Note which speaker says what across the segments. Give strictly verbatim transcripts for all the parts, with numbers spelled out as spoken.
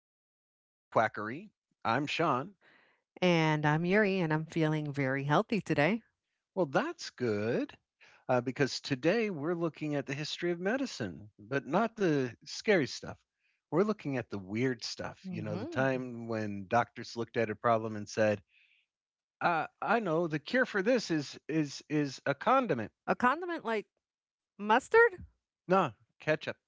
Speaker 1: Welcome to the Quackery. I'm Sean.
Speaker 2: And I'm Yuri, and I'm feeling very healthy today.
Speaker 1: Well, that's good uh, because today we're looking at the history of medicine, but not the scary stuff. We're looking at the weird stuff. You know, the
Speaker 2: Mm-hmm.
Speaker 1: time when doctors looked at a problem and said, uh, "I know the cure for this is is is a condiment."
Speaker 2: A condiment like mustard?
Speaker 1: No, ketchup.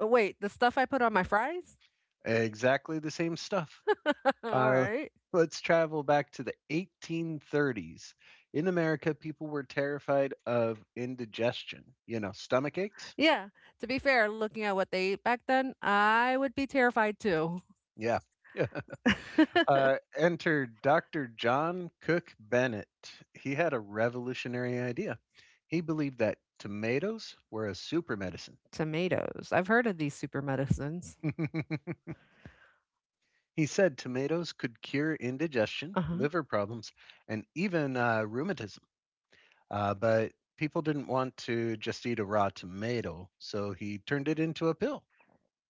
Speaker 2: Oh, wait, the stuff I put on my fries?
Speaker 1: Exactly the same stuff.
Speaker 2: All
Speaker 1: Uh,
Speaker 2: right.
Speaker 1: let's travel back to the eighteen thirties. In America, people were terrified of indigestion, you know, stomach aches.
Speaker 2: Yeah. To be fair, looking at what they ate back then, I would be terrified too.
Speaker 1: Yeah. Yeah. Uh, enter doctor John Cook Bennett. He had a revolutionary idea. He believed that tomatoes were a super medicine.
Speaker 2: Tomatoes. I've heard of these super medicines.
Speaker 1: He said tomatoes could cure indigestion,
Speaker 2: Uh huh.
Speaker 1: liver problems, and even uh, rheumatism. Uh, but people didn't want to just eat a raw tomato, so he turned it into a pill.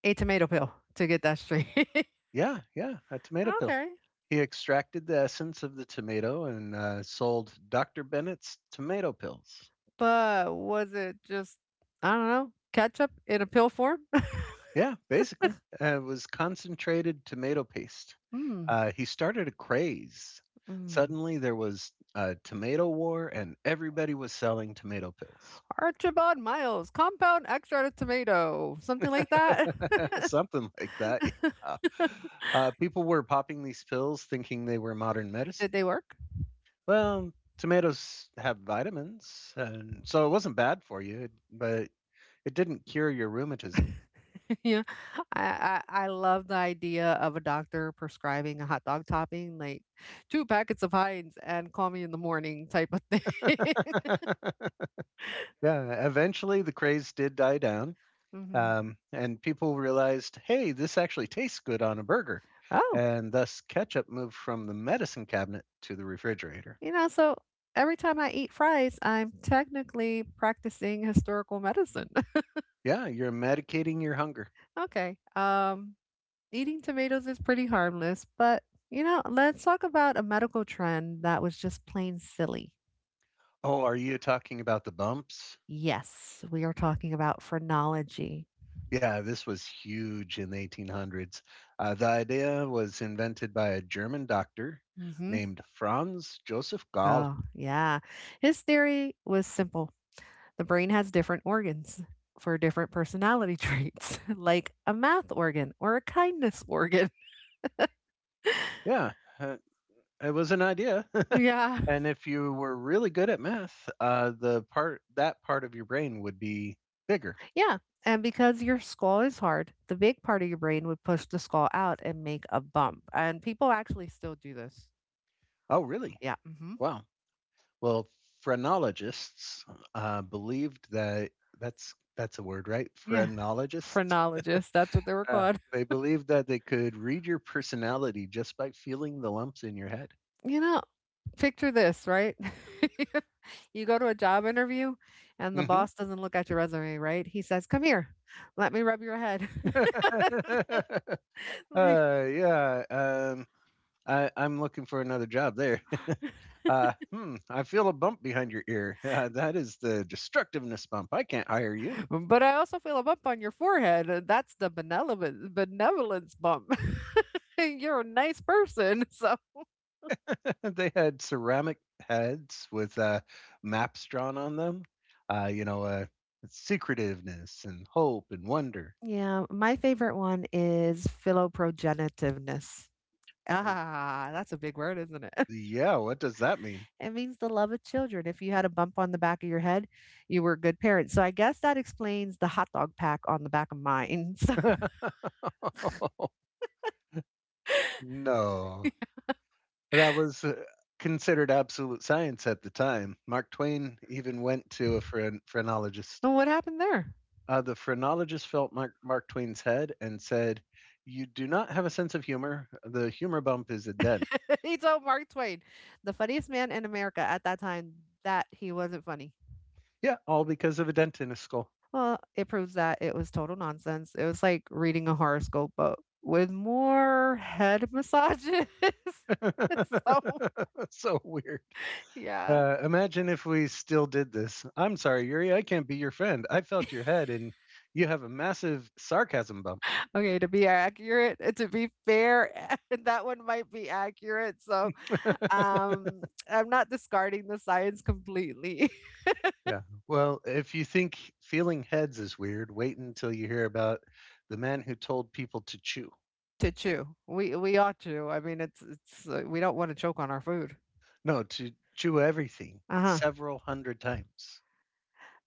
Speaker 2: A tomato pill to get that straight.
Speaker 1: Yeah, yeah, a tomato pill.
Speaker 2: Okay.
Speaker 1: He extracted the essence of the tomato and uh, sold doctor Bennett's tomato pills.
Speaker 2: But was it just, I don't know, ketchup in a pill form?
Speaker 1: Yeah, basically, uh, it was concentrated tomato paste.
Speaker 2: Hmm.
Speaker 1: Uh, he started a craze. Suddenly, there was a tomato war, and everybody was selling tomato pills.
Speaker 2: Archibald Miles, compound extract of tomato, something like that.
Speaker 1: Something like that, yeah. Uh, people were popping these pills thinking they were modern medicine.
Speaker 2: Did they work?
Speaker 1: Well, tomatoes have vitamins, and so it wasn't bad for you, but it didn't cure your rheumatism.
Speaker 2: Yeah, I, I I love the idea of a doctor prescribing a hot dog topping, like two packets of Heinz and call me in the morning type of thing.
Speaker 1: Yeah, eventually the craze did die down,
Speaker 2: Hmm.
Speaker 1: um, and people realized, hey, this actually tastes good on a burger,
Speaker 2: Oh,
Speaker 1: and thus ketchup moved from the medicine cabinet to the refrigerator.
Speaker 2: you know, so every time I eat fries, I'm technically practicing historical medicine.
Speaker 1: Yeah, you're medicating your hunger.
Speaker 2: okay, um, eating tomatoes is pretty harmless, but you know, let's talk about a medical trend that was just plain silly.
Speaker 1: Oh, are you talking about the bumps?
Speaker 2: Yes, we are talking about phrenology.
Speaker 1: Yeah, this was huge in the eighteen hundreds. Uh, the idea was invented by a German doctor
Speaker 2: Hmm.
Speaker 1: named Franz Joseph Gall.
Speaker 2: Oh, yeah. His theory was simple: the brain has different organs for different personality traits, like a math organ or a kindness organ.
Speaker 1: Yeah, uh, it was an idea.
Speaker 2: Yeah.
Speaker 1: And if you were really good at math, uh, the part that part of your brain would be bigger.
Speaker 2: Yeah. And because your skull is hard, the big part of your brain would push the skull out and make a bump. And people actually still do this.
Speaker 1: Oh, really?
Speaker 2: Yeah. Mm-hmm.
Speaker 1: Wow. Well, phrenologists uh, believed that that's that's a word, right?
Speaker 2: Yeah,
Speaker 1: Phrenologists.
Speaker 2: phrenologists, that's what they were
Speaker 1: Yeah,
Speaker 2: called.
Speaker 1: they believed that they could read your personality just by feeling the lumps in your head.
Speaker 2: You know, Picture this, right? You go to a job interview and the
Speaker 1: Mhm.
Speaker 2: boss doesn't look at your resume, right? He says, "Come here. Let me rub your head." I'm like,
Speaker 1: Uh, yeah, um, I I'm looking for another job there. Uh, hmm, I feel a bump behind your ear. Uh, that is the destructiveness bump. I can't hire you.
Speaker 2: "But I also feel a bump on your forehead. Uh, That's the benevolent benevolence bump. You're a nice person." So,
Speaker 1: They had ceramic heads with uh, maps drawn on them. Uh, you know, uh, Secretiveness and hope and wonder.
Speaker 2: yeah, my favorite one is philoprogenitiveness. Ah, that's a big word, isn't it?
Speaker 1: Yeah, what does that mean?
Speaker 2: It means the love of children. If you had a bump on the back of your head, you were a good parent. So I guess that explains the hot dog pack on the back of mine. So,
Speaker 1: No. That was uh, considered absolute science at the time. Mark Twain even went to a phren- phrenologist.
Speaker 2: and what happened there?
Speaker 1: Uh, the phrenologist felt Mark, Mark Twain's head and said, "You do not have a sense of humor. The humor bump is a dent."
Speaker 2: He told Mark Twain, the funniest man in America at that time, that he wasn't funny.
Speaker 1: Yeah, all because of a dent in a skull.
Speaker 2: Well, it proves that it was total nonsense. It was like reading a horoscope, but with more head massages. So,
Speaker 1: So weird.
Speaker 2: yeah.
Speaker 1: Uh, imagine if we still did this. I'm sorry, Yuri, I can't be your friend. I felt your head and you have a massive sarcasm bump.
Speaker 2: Okay, to be accurate, uh, to be fair, that one might be accurate. So, um, I'm not discarding the science completely.
Speaker 1: Yeah. Well, if you think feeling heads is weird, wait until you hear about the man who told people to chew.
Speaker 2: To chew, we we ought to. I mean, it's it's uh, we don't want to choke on our food.
Speaker 1: No, to chew everything
Speaker 2: Uh huh.
Speaker 1: several hundred times.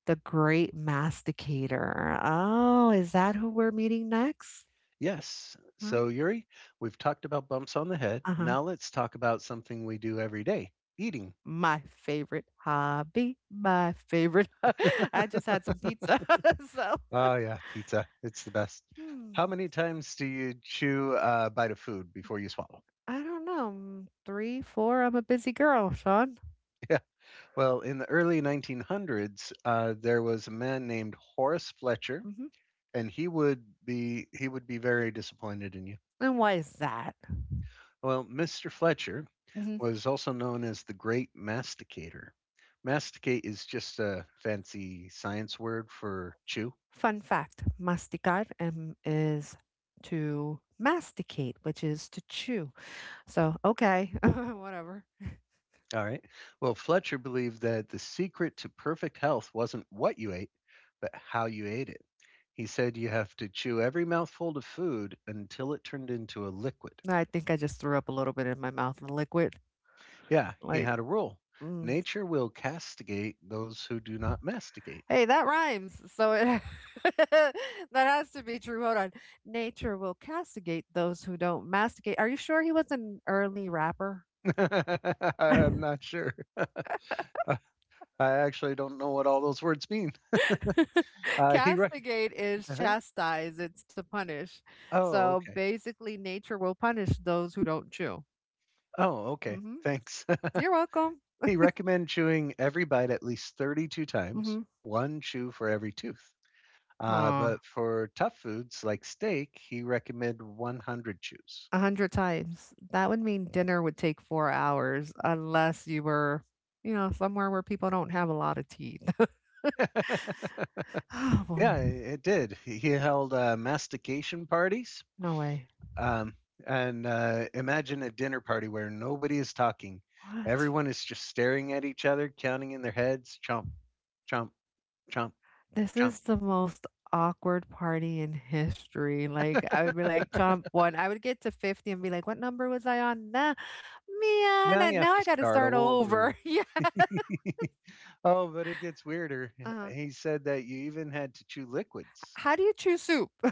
Speaker 2: The great masticator. Oh, is that who we're meeting next?
Speaker 1: Yes.
Speaker 2: Huh?
Speaker 1: So, Yuri, we've talked about bumps on the head.
Speaker 2: Uh huh.
Speaker 1: Now let's talk about something we do every day: eating.
Speaker 2: My favorite hobby. My favorite. I just had some pizza, so.
Speaker 1: Oh, yeah, pizza. It's the best. How
Speaker 2: Hmm.
Speaker 1: many times do you chew a bite of food before you swallow?
Speaker 2: I don't know, mm, three, four, I'm a busy girl, Sean.
Speaker 1: Yeah. Well, in the early nineteen hundreds, uh, there was a man named Horace Fletcher
Speaker 2: Mhm.
Speaker 1: and he would be he would be very disappointed in you.
Speaker 2: And why is that?
Speaker 1: Well, mister Fletcher
Speaker 2: Mhm.
Speaker 1: was also known as the Great Masticator. Masticate is just a fancy science word for chew.
Speaker 2: Fun fact, masticar um, is to masticate, which is to chew. So, okay, whatever.
Speaker 1: All right. Well, Fletcher believed that the secret to perfect health wasn't what you ate, but how you ate it. He said you have to chew every mouthful of food until it turned into a liquid.
Speaker 2: I think I just threw up a little bit in my mouth, the liquid.
Speaker 1: Yeah, he
Speaker 2: Like,
Speaker 1: had a rule.
Speaker 2: mm.
Speaker 1: Nature will castigate those who do not masticate.
Speaker 2: Hey, that rhymes. So it that has to be true. Hold on. Nature will castigate those who don't masticate. Are you sure he was an early rapper?
Speaker 1: I'm not sure. Uh, I actually don't know what all those words mean. Uh, he rec-
Speaker 2: Castigate is
Speaker 1: uh
Speaker 2: chastise, it's to punish.
Speaker 1: Oh,
Speaker 2: So
Speaker 1: okay.
Speaker 2: basically, nature will punish those who don't chew.
Speaker 1: Oh, okay.
Speaker 2: Hmm.
Speaker 1: Thanks.
Speaker 2: You're welcome.
Speaker 1: He recommended chewing every bite at least thirty-two times,
Speaker 2: Hmm.
Speaker 1: one chew for every tooth. Uh,
Speaker 2: Aw,
Speaker 1: but for tough foods like steak, he recommended one hundred chews.
Speaker 2: a hundred times. That would mean dinner would take four hours unless you were, you know, somewhere where people don't have a lot of teeth. Oh boy,
Speaker 1: Yeah, it did. He held uh, mastication parties.
Speaker 2: no way.
Speaker 1: Um, and uh, Imagine a dinner party where nobody is talking.
Speaker 2: What?
Speaker 1: Everyone is just staring at each other, counting in their heads, chomp, chomp, chomp,
Speaker 2: This
Speaker 1: chomp.
Speaker 2: is the most awkward party in history. Like, I would be like, chomp one. I would get to fifty and be like, what number was I on? Nah, man,
Speaker 1: Now
Speaker 2: uh,
Speaker 1: you have
Speaker 2: now
Speaker 1: to
Speaker 2: I got to
Speaker 1: start
Speaker 2: start over.
Speaker 1: over.
Speaker 2: Yeah.
Speaker 1: Oh, but it gets weirder.
Speaker 2: uh
Speaker 1: He said that you even had to chew liquids.
Speaker 2: How do you choose soup?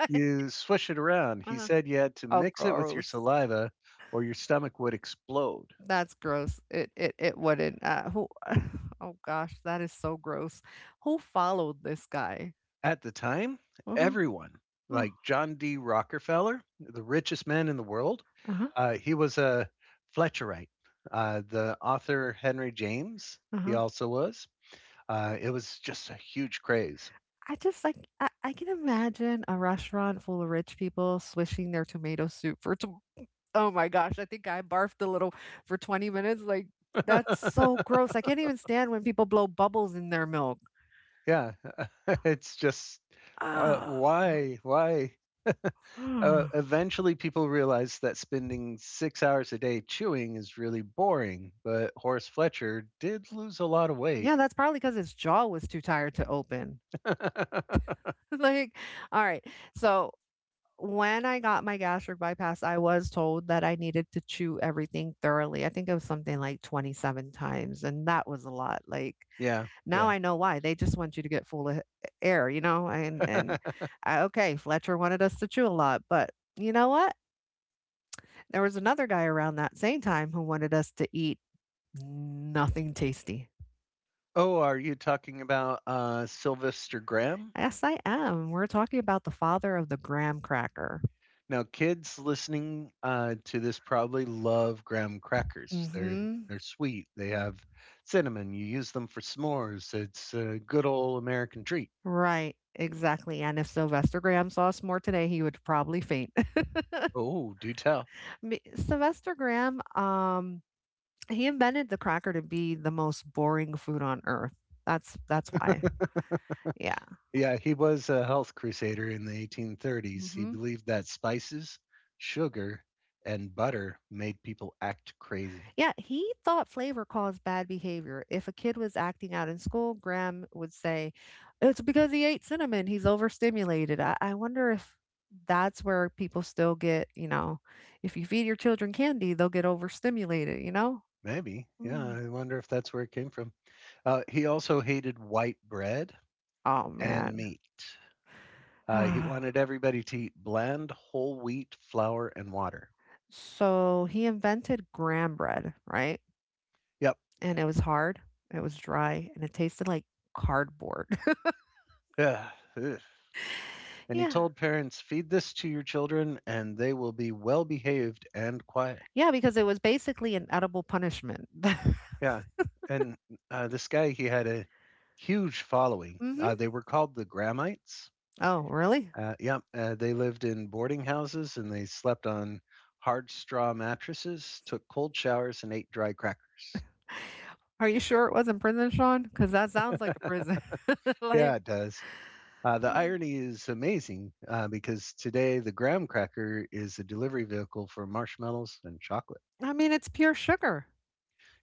Speaker 2: Like,
Speaker 1: You swish it around. He
Speaker 2: uh
Speaker 1: said you had to
Speaker 2: oh,
Speaker 1: mix it with your
Speaker 2: gross.
Speaker 1: saliva or your stomach would explode.
Speaker 2: That's gross. It it it wouldn't. Uh, who? Oh gosh, that is so gross. Who followed this guy?
Speaker 1: At the time,
Speaker 2: Uh-huh.
Speaker 1: everyone,
Speaker 2: Uh-huh.
Speaker 1: like John D. Rockefeller, the richest man in the world,
Speaker 2: Uh-huh.
Speaker 1: uh, he was a Fletcherite. Uh, the author Henry James, he also was. Uh, it was just a huge craze.
Speaker 2: I just like I, I can imagine a restaurant full of rich people swishing their tomato soup for tw- Oh my gosh, I think I barfed a little for twenty minutes. Like that's so gross. I can't even stand when people blow bubbles in their milk.
Speaker 1: Yeah, it's just uh,
Speaker 2: Ah.
Speaker 1: why, why? Uh, eventually, people realized that spending six hours a day chewing is really boring, but Horace Fletcher did lose a lot of weight.
Speaker 2: Yeah, that's probably because his jaw was too tired to open. Like, all right. So when I got my gastric bypass, I was told that I needed to chew everything thoroughly. I think it was something like twenty-seven times, and that was a lot. Like.
Speaker 1: Yeah,
Speaker 2: Now
Speaker 1: yeah.
Speaker 2: I know why. They just want you to get full of air, you know? And and I, okay, Fletcher wanted us to chew a lot, but you know what? There was another guy around that same time who wanted us to eat nothing tasty.
Speaker 1: Oh, are you talking about uh, Sylvester Graham?
Speaker 2: Yes, I am. We're talking about the father of the graham cracker.
Speaker 1: Now, kids listening uh, to this probably love graham crackers. They're
Speaker 2: Mm-hmm.
Speaker 1: they're sweet. They have cinnamon. You use them for s'mores. It's a good old American treat.
Speaker 2: Right. Exactly. And if Sylvester Graham saw us more today, he would probably faint.
Speaker 1: Oh, do tell.
Speaker 2: Me- Sylvester Graham, um, he invented the cracker to be the most boring food on earth. That's that's why. Yeah.
Speaker 1: Yeah, he was a health crusader in the eighteen thirties. He
Speaker 2: Mhm.
Speaker 1: believed that spices, sugar, and butter made people act crazy.
Speaker 2: Yeah, he thought flavor caused bad behavior. If a kid was acting out in school, Graham would say, "It's because he ate cinnamon. He's overstimulated." I, I wonder if that's where people still get, you know, if you feed your children candy, they'll get overstimulated, you know?
Speaker 1: Maybe. Yeah,
Speaker 2: Mm.
Speaker 1: I wonder if that's where it came from. Uh, he also hated white bread
Speaker 2: Oh,
Speaker 1: and
Speaker 2: man.
Speaker 1: meat. Uh, he wanted everybody to eat bland whole wheat, flour, and water.
Speaker 2: So he invented graham bread, right?
Speaker 1: Yep.
Speaker 2: And it was hard, it was dry, and it tasted like cardboard.
Speaker 1: Ugh. Ugh. And he
Speaker 2: Yeah.
Speaker 1: told parents, feed this to your children and they will be well behaved and quiet.
Speaker 2: Yeah, because it was basically an edible punishment.
Speaker 1: Yeah. And uh, this guy, he had a huge following.
Speaker 2: Mhm.
Speaker 1: Uh, they were called the Grahamites.
Speaker 2: Oh, really?
Speaker 1: Uh, yep. Uh, they lived in boarding houses and they slept on hard straw mattresses, took cold showers, and ate dry crackers.
Speaker 2: Are you sure it wasn't prison, Sean? Because that sounds like a prison. Like,
Speaker 1: Yeah, it does. Uh, the irony is amazing uh, because today the graham cracker is a delivery vehicle for marshmallows and chocolate.
Speaker 2: I mean, it's pure sugar.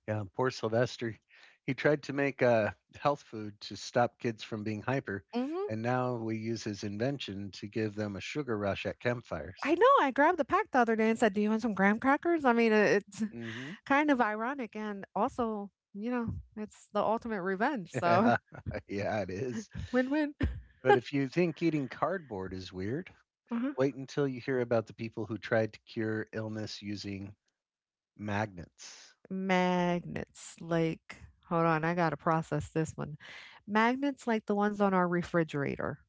Speaker 1: Yeah, poor Sylvester. He tried to make a health food to stop kids from being hyper,
Speaker 2: Mhm.
Speaker 1: and now we use his invention to give them a sugar rush at campfires.
Speaker 2: I know, I grabbed the pack the other day and said, "Do you want some graham crackers?" I mean, it it's
Speaker 1: Mm hmm
Speaker 2: kind of ironic and also, you know, it's the ultimate revenge, so
Speaker 1: Yeah, yeah, it is.
Speaker 2: win-win.
Speaker 1: But if you think eating cardboard is weird,
Speaker 2: Uh-huh.
Speaker 1: wait until you hear about the people who tried to cure illness using magnets.
Speaker 2: Magnets, like hold on, I gotta process this one. Magnets like the ones on our refrigerator.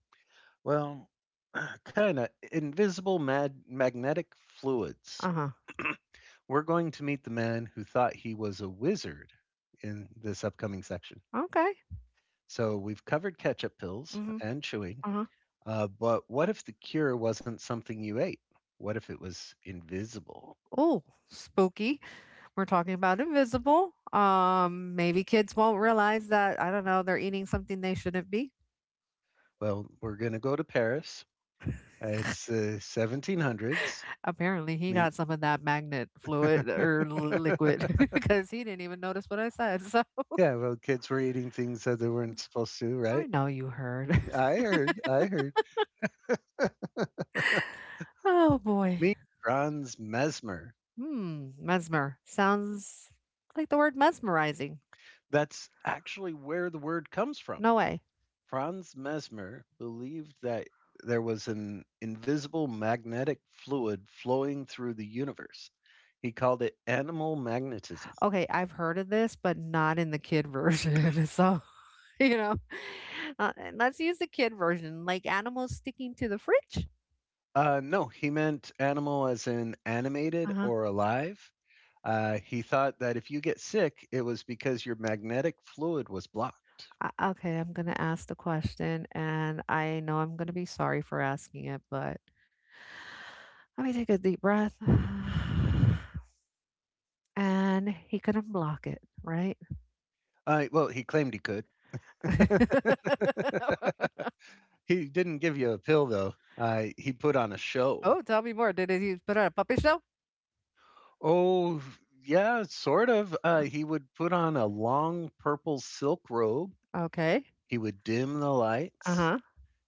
Speaker 1: Well, kinda. Invisible mag- magnetic fluids.
Speaker 2: Uh-huh.
Speaker 1: We're going to meet the man who thought he was a wizard in this upcoming section.
Speaker 2: Okay.
Speaker 1: So we've covered ketchup pills
Speaker 2: Mhm.
Speaker 1: and chewing,
Speaker 2: Uh-huh.
Speaker 1: uh, but what if the cure wasn't something you ate? What if it was invisible?
Speaker 2: Oh, spooky. We're talking about invisible. Um, maybe kids won't realize that, I don't know, they're eating something they shouldn't be.
Speaker 1: Well, we're going to go to Paris. It's the seventeen hundreds.
Speaker 2: Apparently, he
Speaker 1: Neat.
Speaker 2: got some of that magnet fluid or l- liquid because he didn't even notice what I said. So
Speaker 1: Yeah, well, kids were eating things that they weren't supposed to,
Speaker 2: I
Speaker 1: right?
Speaker 2: know you heard.
Speaker 1: I heard. I heard.
Speaker 2: Oh boy.
Speaker 1: Meet Franz Mesmer.
Speaker 2: Hmm. Mesmer. Sounds like the word mesmerizing.
Speaker 1: That's actually where the word comes from.
Speaker 2: No way.
Speaker 1: Franz Mesmer believed that there was an invisible magnetic fluid flowing through the universe. He called it animal magnetism.
Speaker 2: Okay. I've heard of this, but not in the kid version. So, you know, uh, let's use the kid version, like animals sticking to the fridge.
Speaker 1: Uh, no, he meant animal as in animated
Speaker 2: Uh
Speaker 1: or alive. Uh, he thought that if you get sick, it was because your magnetic fluid was blocked.
Speaker 2: Uh, okay, I'm gonna ask the question, and I know I'm gonna be sorry for asking it, but let me take a deep breath. And he couldn't block it, right?
Speaker 1: Uh, well, he claimed he could. He didn't give you a pill though. Uh, he put on a show.
Speaker 2: Oh, tell me more. Did he put on a puppet show?
Speaker 1: Oh, yeah, sort of. Uh, he would put on a long purple silk robe.
Speaker 2: Okay.
Speaker 1: He would dim the lights.
Speaker 2: Uh-huh.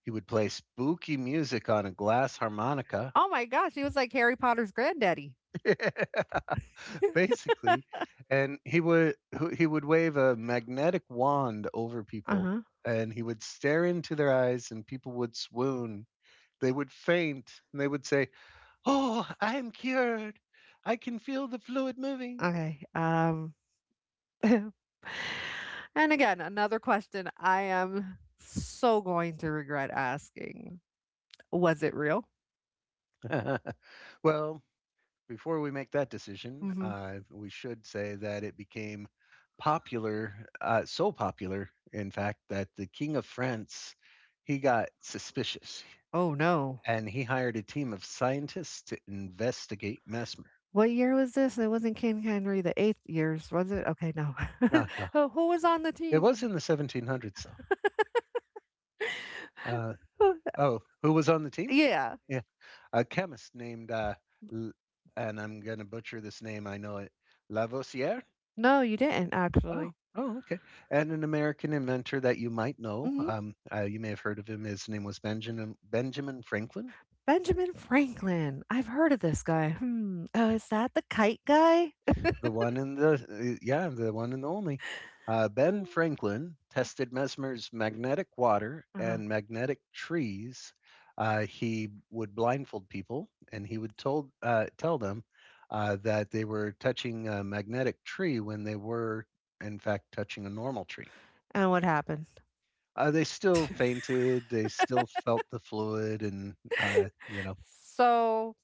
Speaker 1: He would play spooky music on a glass harmonica,
Speaker 2: Oh my gosh, he was like Harry Potter's granddaddy.
Speaker 1: basically, and he would he would wave a magnetic wand over people,
Speaker 2: Uh-huh.
Speaker 1: and he would stare into their eyes, and people would swoon. They would faint, and they would say, "Oh, I am cured. I can feel the fluid moving."
Speaker 2: Okay. Um and again, another question I am so going to regret asking. Was it real?
Speaker 1: Well, before we make that decision, uh, we should say that it became popular, uh, so popular, in fact, that the King of France, he got suspicious
Speaker 2: Oh, no.
Speaker 1: and he hired a team of scientists to investigate mesmer.
Speaker 2: What year was this? It wasn't King Henry the eighth years, was it? Okay, no.
Speaker 1: No, no,
Speaker 2: Who who was on the
Speaker 1: it was
Speaker 2: team?
Speaker 1: in the seventeen hundreds though. Uh,
Speaker 2: Who?
Speaker 1: Oh, who was on the team?
Speaker 2: Yeah.
Speaker 1: Yeah, a chemist named, uh, L- and I'm gonna butcher this name. I know it, Lavoisier.
Speaker 2: No, you didn't
Speaker 1: Oh,
Speaker 2: actually.
Speaker 1: oh, okay. And an American inventor that you might know.
Speaker 2: Mhm.
Speaker 1: Um, uh, you may have heard of him. His name was Benjamin Benjamin Franklin.
Speaker 2: Benjamin Franklin. I've heard of this guy. Hmm. Oh, is that the kite guy?
Speaker 1: The one and the yeah, the one and only. Uh, Ben Franklin tested Mesmer's magnetic water
Speaker 2: Uh-huh.
Speaker 1: and magnetic trees. Uh, he would blindfold people, and he would told uh, tell them uh, that they were touching a magnetic tree when they were, in fact, touching a normal tree.
Speaker 2: And what happened?
Speaker 1: Uh, they still fainted. They still felt the fluid, and uh, you know,
Speaker 2: So,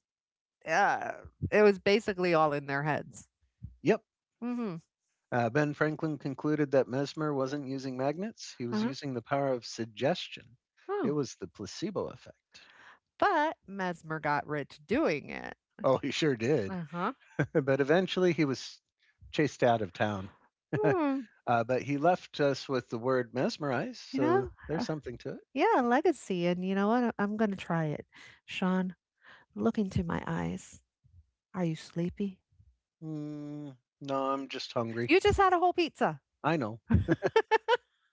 Speaker 2: yeah, it was basically all in their heads.
Speaker 1: yep.
Speaker 2: Mhm.
Speaker 1: Uh, ben Franklin concluded that Mesmer wasn't using magnets, he was
Speaker 2: Uh-huh.
Speaker 1: using the power of suggestion. It
Speaker 2: Oh.
Speaker 1: was the placebo effect.
Speaker 2: But Mesmer got rich doing it.
Speaker 1: Oh, he sure did.
Speaker 2: Uh-huh.
Speaker 1: But eventually he was chased out of town. Uh,
Speaker 2: Hmm.
Speaker 1: but he left us with the word mesmerize,
Speaker 2: You
Speaker 1: so
Speaker 2: know?
Speaker 1: there's something to it.
Speaker 2: Yeah, legacy. And you know what? I- I'm going to try it. Sean, look into my eyes. Are you sleepy?
Speaker 1: Mm, no, I'm just hungry.
Speaker 2: You just had a whole pizza.
Speaker 1: I know.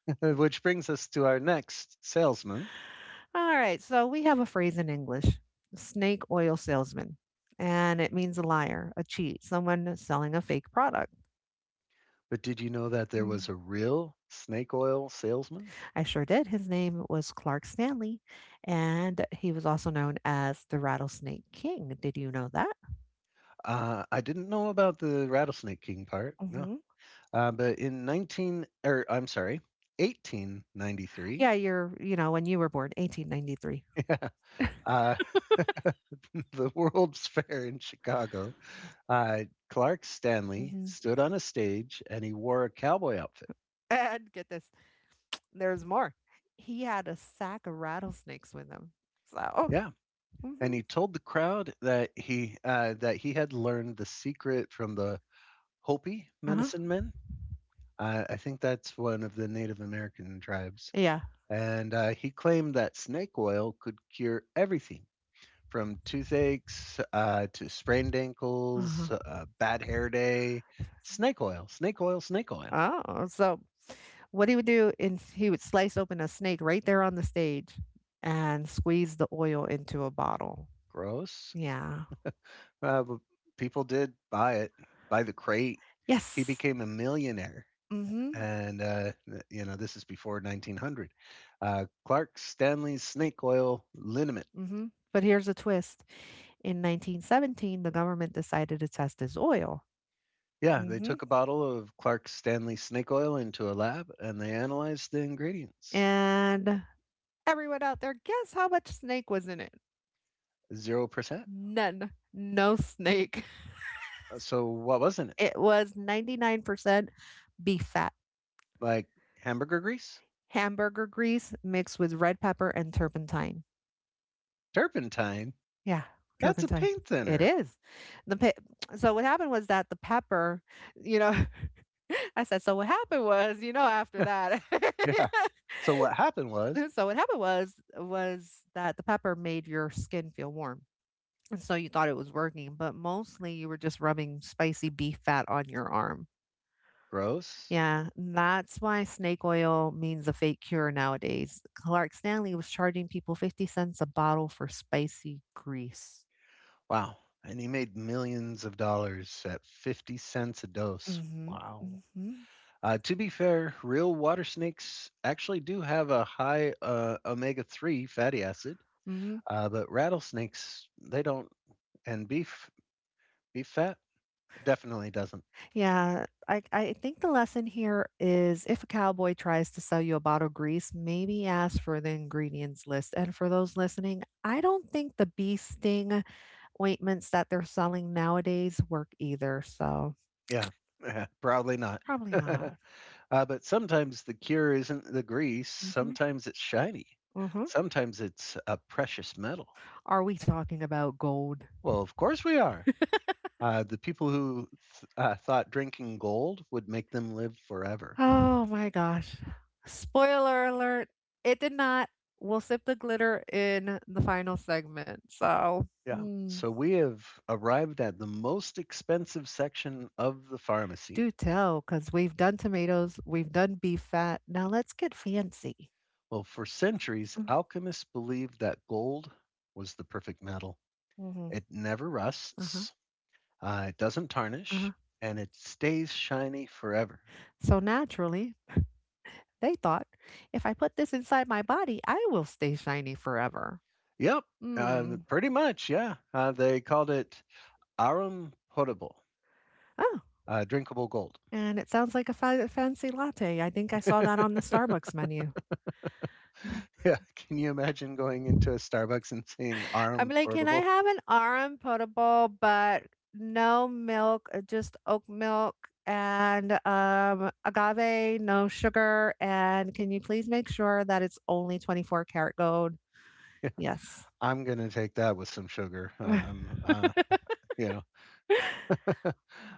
Speaker 1: Which brings us to our next salesman.
Speaker 2: All right. So we have a phrase in English: snake oil salesman. And it means a liar, a cheat, someone selling a fake product.
Speaker 1: But did you know that there
Speaker 2: Mm.
Speaker 1: was a real snake oil salesman?
Speaker 2: I sure did. His name was Clark Stanley. And he was also known as the Rattlesnake King. Did you know that?
Speaker 1: Uh, I didn't know about the Rattlesnake King part. No,
Speaker 2: Hmm.
Speaker 1: Uh, but in nineteen, or I'm sorry, eighteen ninety-three,
Speaker 2: Yeah, you're, you know, when you were born, eighteen ninety-three.
Speaker 1: uh, the World's Fair in Chicago, uh, Clark Stanley
Speaker 2: Hmm.
Speaker 1: stood on a stage and he wore a cowboy outfit.
Speaker 2: And get this. There's more. He had a sack of rattlesnakes with him. So.
Speaker 1: Yeah, and
Speaker 2: Mhm.
Speaker 1: he told the crowd that he uh, that he had learned the secret from the Hopi
Speaker 2: Uh-huh.
Speaker 1: medicine men. Uh, I think that's one of the Native American tribes,
Speaker 2: Yeah.
Speaker 1: and uh, he claimed that snake oil could cure everything, from toothaches, uh, to sprained
Speaker 2: Uh-huh.
Speaker 1: ankles, uh, bad hair day, snake oil, snake oil, snake oil.
Speaker 2: Oh, so what he would do is he would slice open a snake right there on the stage and squeeze the oil into a bottle.
Speaker 1: Gross.
Speaker 2: Yeah.
Speaker 1: Uh, but people did buy it by the crate. He
Speaker 2: Yes.
Speaker 1: became a millionaire.
Speaker 2: Mm-hmm.
Speaker 1: And, uh, you know, this is before nineteen hundred. Uh, Clark Stanley's snake oil liniment.
Speaker 2: Mm-hmm. But here's a twist. In nineteen seventeen, the government decided to test his oil.
Speaker 1: Yeah, they
Speaker 2: Mm-hmm.
Speaker 1: took a bottle of Clark Stanley snake oil into a lab and they analyzed the ingredients.
Speaker 2: And everyone out there, guess how much snake was in it?
Speaker 1: zero percent.
Speaker 2: None. No snake.
Speaker 1: So what was in it?
Speaker 2: It was ninety-nine percent beef fat,
Speaker 1: Like hamburger grease?
Speaker 2: hamburger grease mixed with red pepper and turpentine.
Speaker 1: Turpentine?
Speaker 2: Yeah,
Speaker 1: That's a
Speaker 2: turpentine.
Speaker 1: paint
Speaker 2: It
Speaker 1: thinner.
Speaker 2: is. The pe- so what happened was that the pepper, you know, I said so what happened was, you know, after that.
Speaker 1: Yeah. So what happened was
Speaker 2: so what happened was was that the pepper made your skin feel warm. And so you thought it was working, but mostly you were just rubbing spicy beef fat on your arm.
Speaker 1: gross.
Speaker 2: Yeah, that's why snake oil means a fake cure nowadays. Clark Stanley was charging people fifty cents a bottle for spicy grease.
Speaker 1: Wow. And he made millions of dollars at fifty cents a dose.
Speaker 2: Mm-hmm.
Speaker 1: Wow.
Speaker 2: Mm-hmm.
Speaker 1: Uh, to be fair, real water snakes actually do have a high uh, omega three fatty acid,
Speaker 2: hmm
Speaker 1: uh, but rattlesnakes, they don't. And beef, beef fat definitely doesn't.
Speaker 2: Yeah, I, I think the lesson here is if a cowboy tries to sell you a bottle of grease, maybe ask for the ingredients list. And for those listening, I don't think the bee sting ointments that they're selling nowadays work either. So
Speaker 1: Yeah. Probably not.
Speaker 2: probably not.
Speaker 1: Uh, but sometimes the cure isn't the grease,
Speaker 2: Mm hmm.
Speaker 1: sometimes it's shiny,
Speaker 2: Mm hmm.
Speaker 1: sometimes it's a precious metal.
Speaker 2: Are we talking about gold?
Speaker 1: Well, of course we are. Uh, the people who th- uh, thought drinking gold would make them live forever.
Speaker 2: Oh my gosh. Spoiler alert, it did not. We'll sip the glitter in the final segment. So,
Speaker 1: Yeah.
Speaker 2: hmm,
Speaker 1: So we have arrived at the most expensive section of the pharmacy.
Speaker 2: do tell, because we've done tomatoes, we've done beef fat. Now let's get fancy.
Speaker 1: Well, for centuries, alchemists believed that gold was the perfect metal.
Speaker 2: Mm-hmm.
Speaker 1: It never
Speaker 2: Uh-huh.
Speaker 1: rusts, uh, it doesn't tarnish,
Speaker 2: Uh-huh.
Speaker 1: and it stays shiny forever.
Speaker 2: So, naturally, they thought if I put this inside my body, I will stay shiny forever.
Speaker 1: Yep,
Speaker 2: Hmm.
Speaker 1: um, pretty much, yeah. Uh, they called it Arum Potable,
Speaker 2: Oh,
Speaker 1: uh, drinkable gold.
Speaker 2: and it sounds like a fa- fancy latte. I think I saw that on the Starbucks menu.
Speaker 1: Yeah, can you imagine going into a Starbucks and seeing
Speaker 2: I'm
Speaker 1: Arum
Speaker 2: like, "Can I
Speaker 1: Potable?
Speaker 2: have an R M potable, but no milk, uh, just oat milk and, um, agave, no sugar, and can you please make sure that it's only twenty-four karat gold?"
Speaker 1: Yeah,
Speaker 2: Yes.
Speaker 1: I'm gonna take that with some sugar. uh, Um, uh, you know,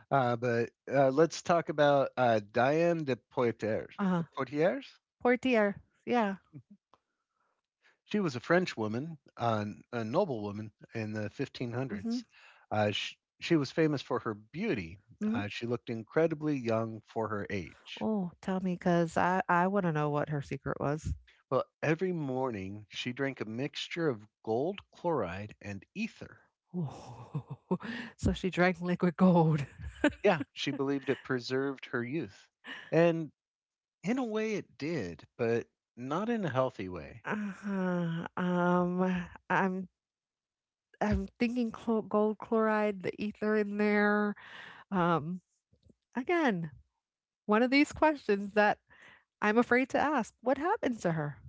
Speaker 1: uh, but uh, let's talk about uh, Diane de Poitiers.
Speaker 2: Uh-huh.
Speaker 1: De Poitiers.
Speaker 2: Portier, yeah,
Speaker 1: She was a French woman, uh, a noblewoman in the
Speaker 2: mhm,
Speaker 1: fifteen hundreds. Uh, she, she was famous for her beauty.
Speaker 2: mhm.
Speaker 1: Uh, she looked incredibly young for her age.
Speaker 2: Oh, tell me, cause I I wanna know what her secret was.
Speaker 1: Well, every morning she drank a mixture of gold chloride and ether.
Speaker 2: Oh. So she drank liquid gold.
Speaker 1: Yeah, she believed it preserved her youth. And in a way it did, but not in a healthy way.
Speaker 2: Uh-huh. um, I'm I'm thinking clo gold chloride, the ether in there. Um, again, one of these questions that I'm afraid to ask. What happened to her?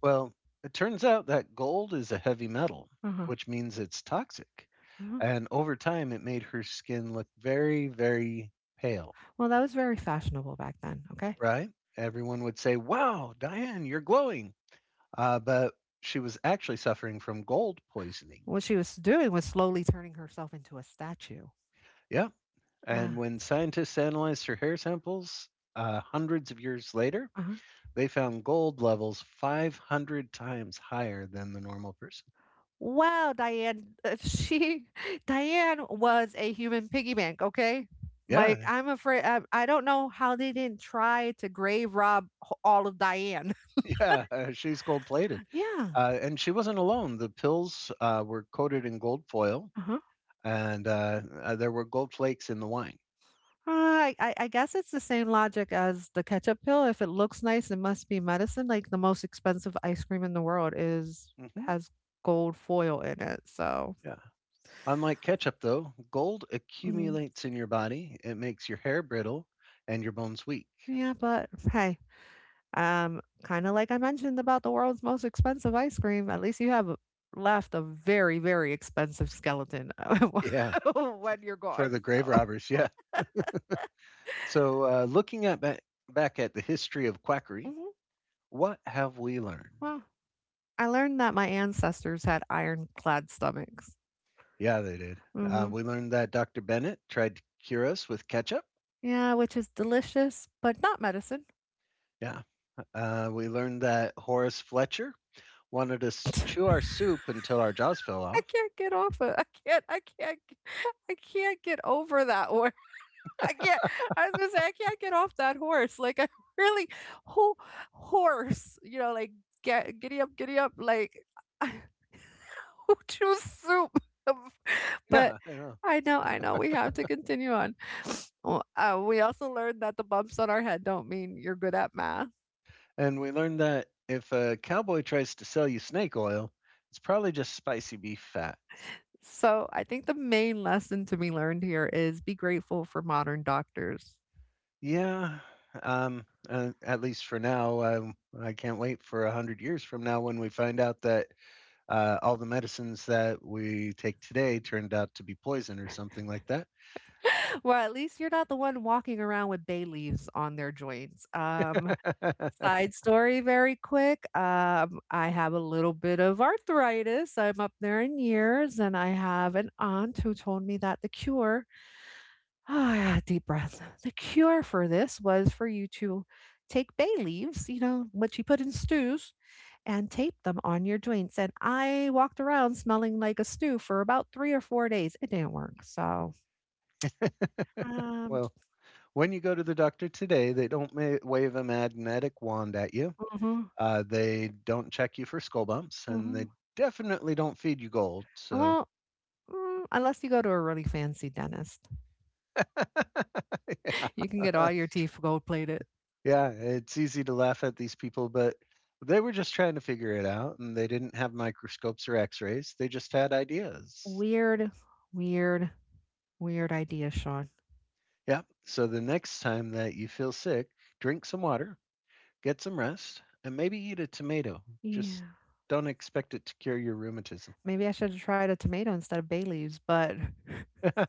Speaker 1: Well, it turns out that gold is a heavy metal,
Speaker 2: Uh-huh.
Speaker 1: which means it's toxic.
Speaker 2: Uh-huh.
Speaker 1: And over time, it made her skin look very, very pale,
Speaker 2: Well, that was very fashionable back then, okay?
Speaker 1: right? Everyone would say, "Wow, Diane, you're glowing." Uh, but she was actually suffering from gold poisoning.
Speaker 2: What she was doing was slowly turning herself into a statue.
Speaker 1: Yeah.
Speaker 2: Yeah.
Speaker 1: And when scientists analyzed her hair samples uh, hundreds of years later,
Speaker 2: Uh-huh.
Speaker 1: they found gold levels five hundred times higher than the normal person.
Speaker 2: Wow, Diane, uh, she Diane was a human piggy bank, okay? Like
Speaker 1: Yeah,
Speaker 2: I'm afraid I, I don't know how they didn't try to grave rob h- all of Diane.
Speaker 1: yeah, uh, she's gold plated.
Speaker 2: Yeah.
Speaker 1: Uh, and she wasn't alone. The pills uh, were coated in gold foil, and uh, uh, there were gold flakes in the wine.
Speaker 2: Uh, I I I guess it's the same logic as the ketchup pill. If it looks nice, it must be medicine. Like the most expensive ice cream in the world is
Speaker 1: Hmm.
Speaker 2: has gold foil in it. So,
Speaker 1: Yeah. Unlike ketchup, though, gold
Speaker 2: mm,
Speaker 1: accumulates in your body. It makes your hair brittle and your bones weak.
Speaker 2: yeah, but hey, um, kind of like I mentioned about the world's most expensive ice cream, at least you have a- left a very, very expensive skeleton
Speaker 1: Yeah.
Speaker 2: when you're
Speaker 1: For
Speaker 2: gone.
Speaker 1: the grave
Speaker 2: So,
Speaker 1: robbers. Yeah. So, uh, looking at ba- back at the history of quackery,
Speaker 2: hmm
Speaker 1: what have we learned?
Speaker 2: well, I learned that my ancestors had ironclad stomachs.
Speaker 1: Yeah, they did. Uh,
Speaker 2: hmm
Speaker 1: we learned that doctor Bennett tried to cure us with ketchup.
Speaker 2: Yeah, which is delicious, but not medicine.
Speaker 1: Yeah. Uh, we learned that Horace Fletcher wanted
Speaker 2: I
Speaker 1: us to chew our soup until our jaws fell off.
Speaker 2: can't get off it. I can't I can't g I can't get over that one. I can't I was gonna say, I can't get off that horse, like, I really who horse, you know, like, "Get giddy up, giddy up," like, who chews soup? But
Speaker 1: Yeah, I know.
Speaker 2: I know, I know, we have to continue on. Well, uh, we also learned that the bumps on our head don't mean you're good at math.
Speaker 1: And we learned that if a cowboy tries to sell you snake oil, it's probably just spicy beef fat.
Speaker 2: So I think the main lesson to be learned here is be grateful for modern doctors.
Speaker 1: Yeah. Um, uh, at least for now, um, I can't wait for a hundred years from now when we find out that uh, all the medicines that we take today turned out to be poison or something like that.
Speaker 2: Well, at least you're not the one walking around with bay leaves on their joints. Um, side story very quick. Um, I have a little bit of arthritis. I'm up there in years, and I have an aunt who told me that the cure. Ah, yeah, deep breath. The cure for this was for you to take bay leaves, you know, what you put in stews, and tape them on your joints. And I walked around smelling like a stew for about three or four days. It didn't work. So, um,
Speaker 1: Well, when you go to the doctor today, they don't ma- wave a magnetic wand at you.
Speaker 2: hmm
Speaker 1: Uh, they don't check you for skull bumps, and they
Speaker 2: hmm
Speaker 1: definitely don't feed you gold. So,
Speaker 2: well, mm, unless you go to a really fancy dentist, you can get
Speaker 1: yeah.
Speaker 2: all your teeth gold plated.
Speaker 1: Yeah, it's easy to laugh at these people, but they were just trying to figure it out, and they didn't have microscopes or x rays. They just had ideas.
Speaker 2: Weird, weird, weird idea, Sean.
Speaker 1: Yeah. So the next time that you feel sick, drink some water, get some rest and maybe eat a tomato. Just
Speaker 2: Yeah.
Speaker 1: don't expect it to cure your rheumatism.
Speaker 2: Maybe I should have tried a tomato instead of bay leaves, but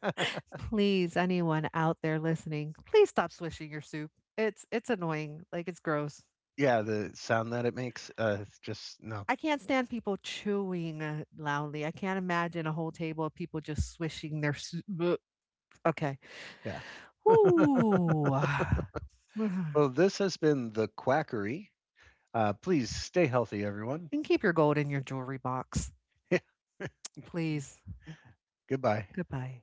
Speaker 2: please, anyone out there listening, please stop swishing your soup. It's it's annoying. Like it's gross.
Speaker 1: Yeah, the sound that it makes, uh, just no.
Speaker 2: I can't stand people chewing uh, loudly. I can't imagine a whole table of people just swishing their soup. Bleh. Okay.
Speaker 1: Yeah.
Speaker 2: Whoo. And
Speaker 1: Well, this has been the quackery. Uh, please stay healthy, everyone.
Speaker 2: keep your gold in your jewelry box,
Speaker 1: Yeah.
Speaker 2: please.
Speaker 1: Goodbye.
Speaker 2: Goodbye.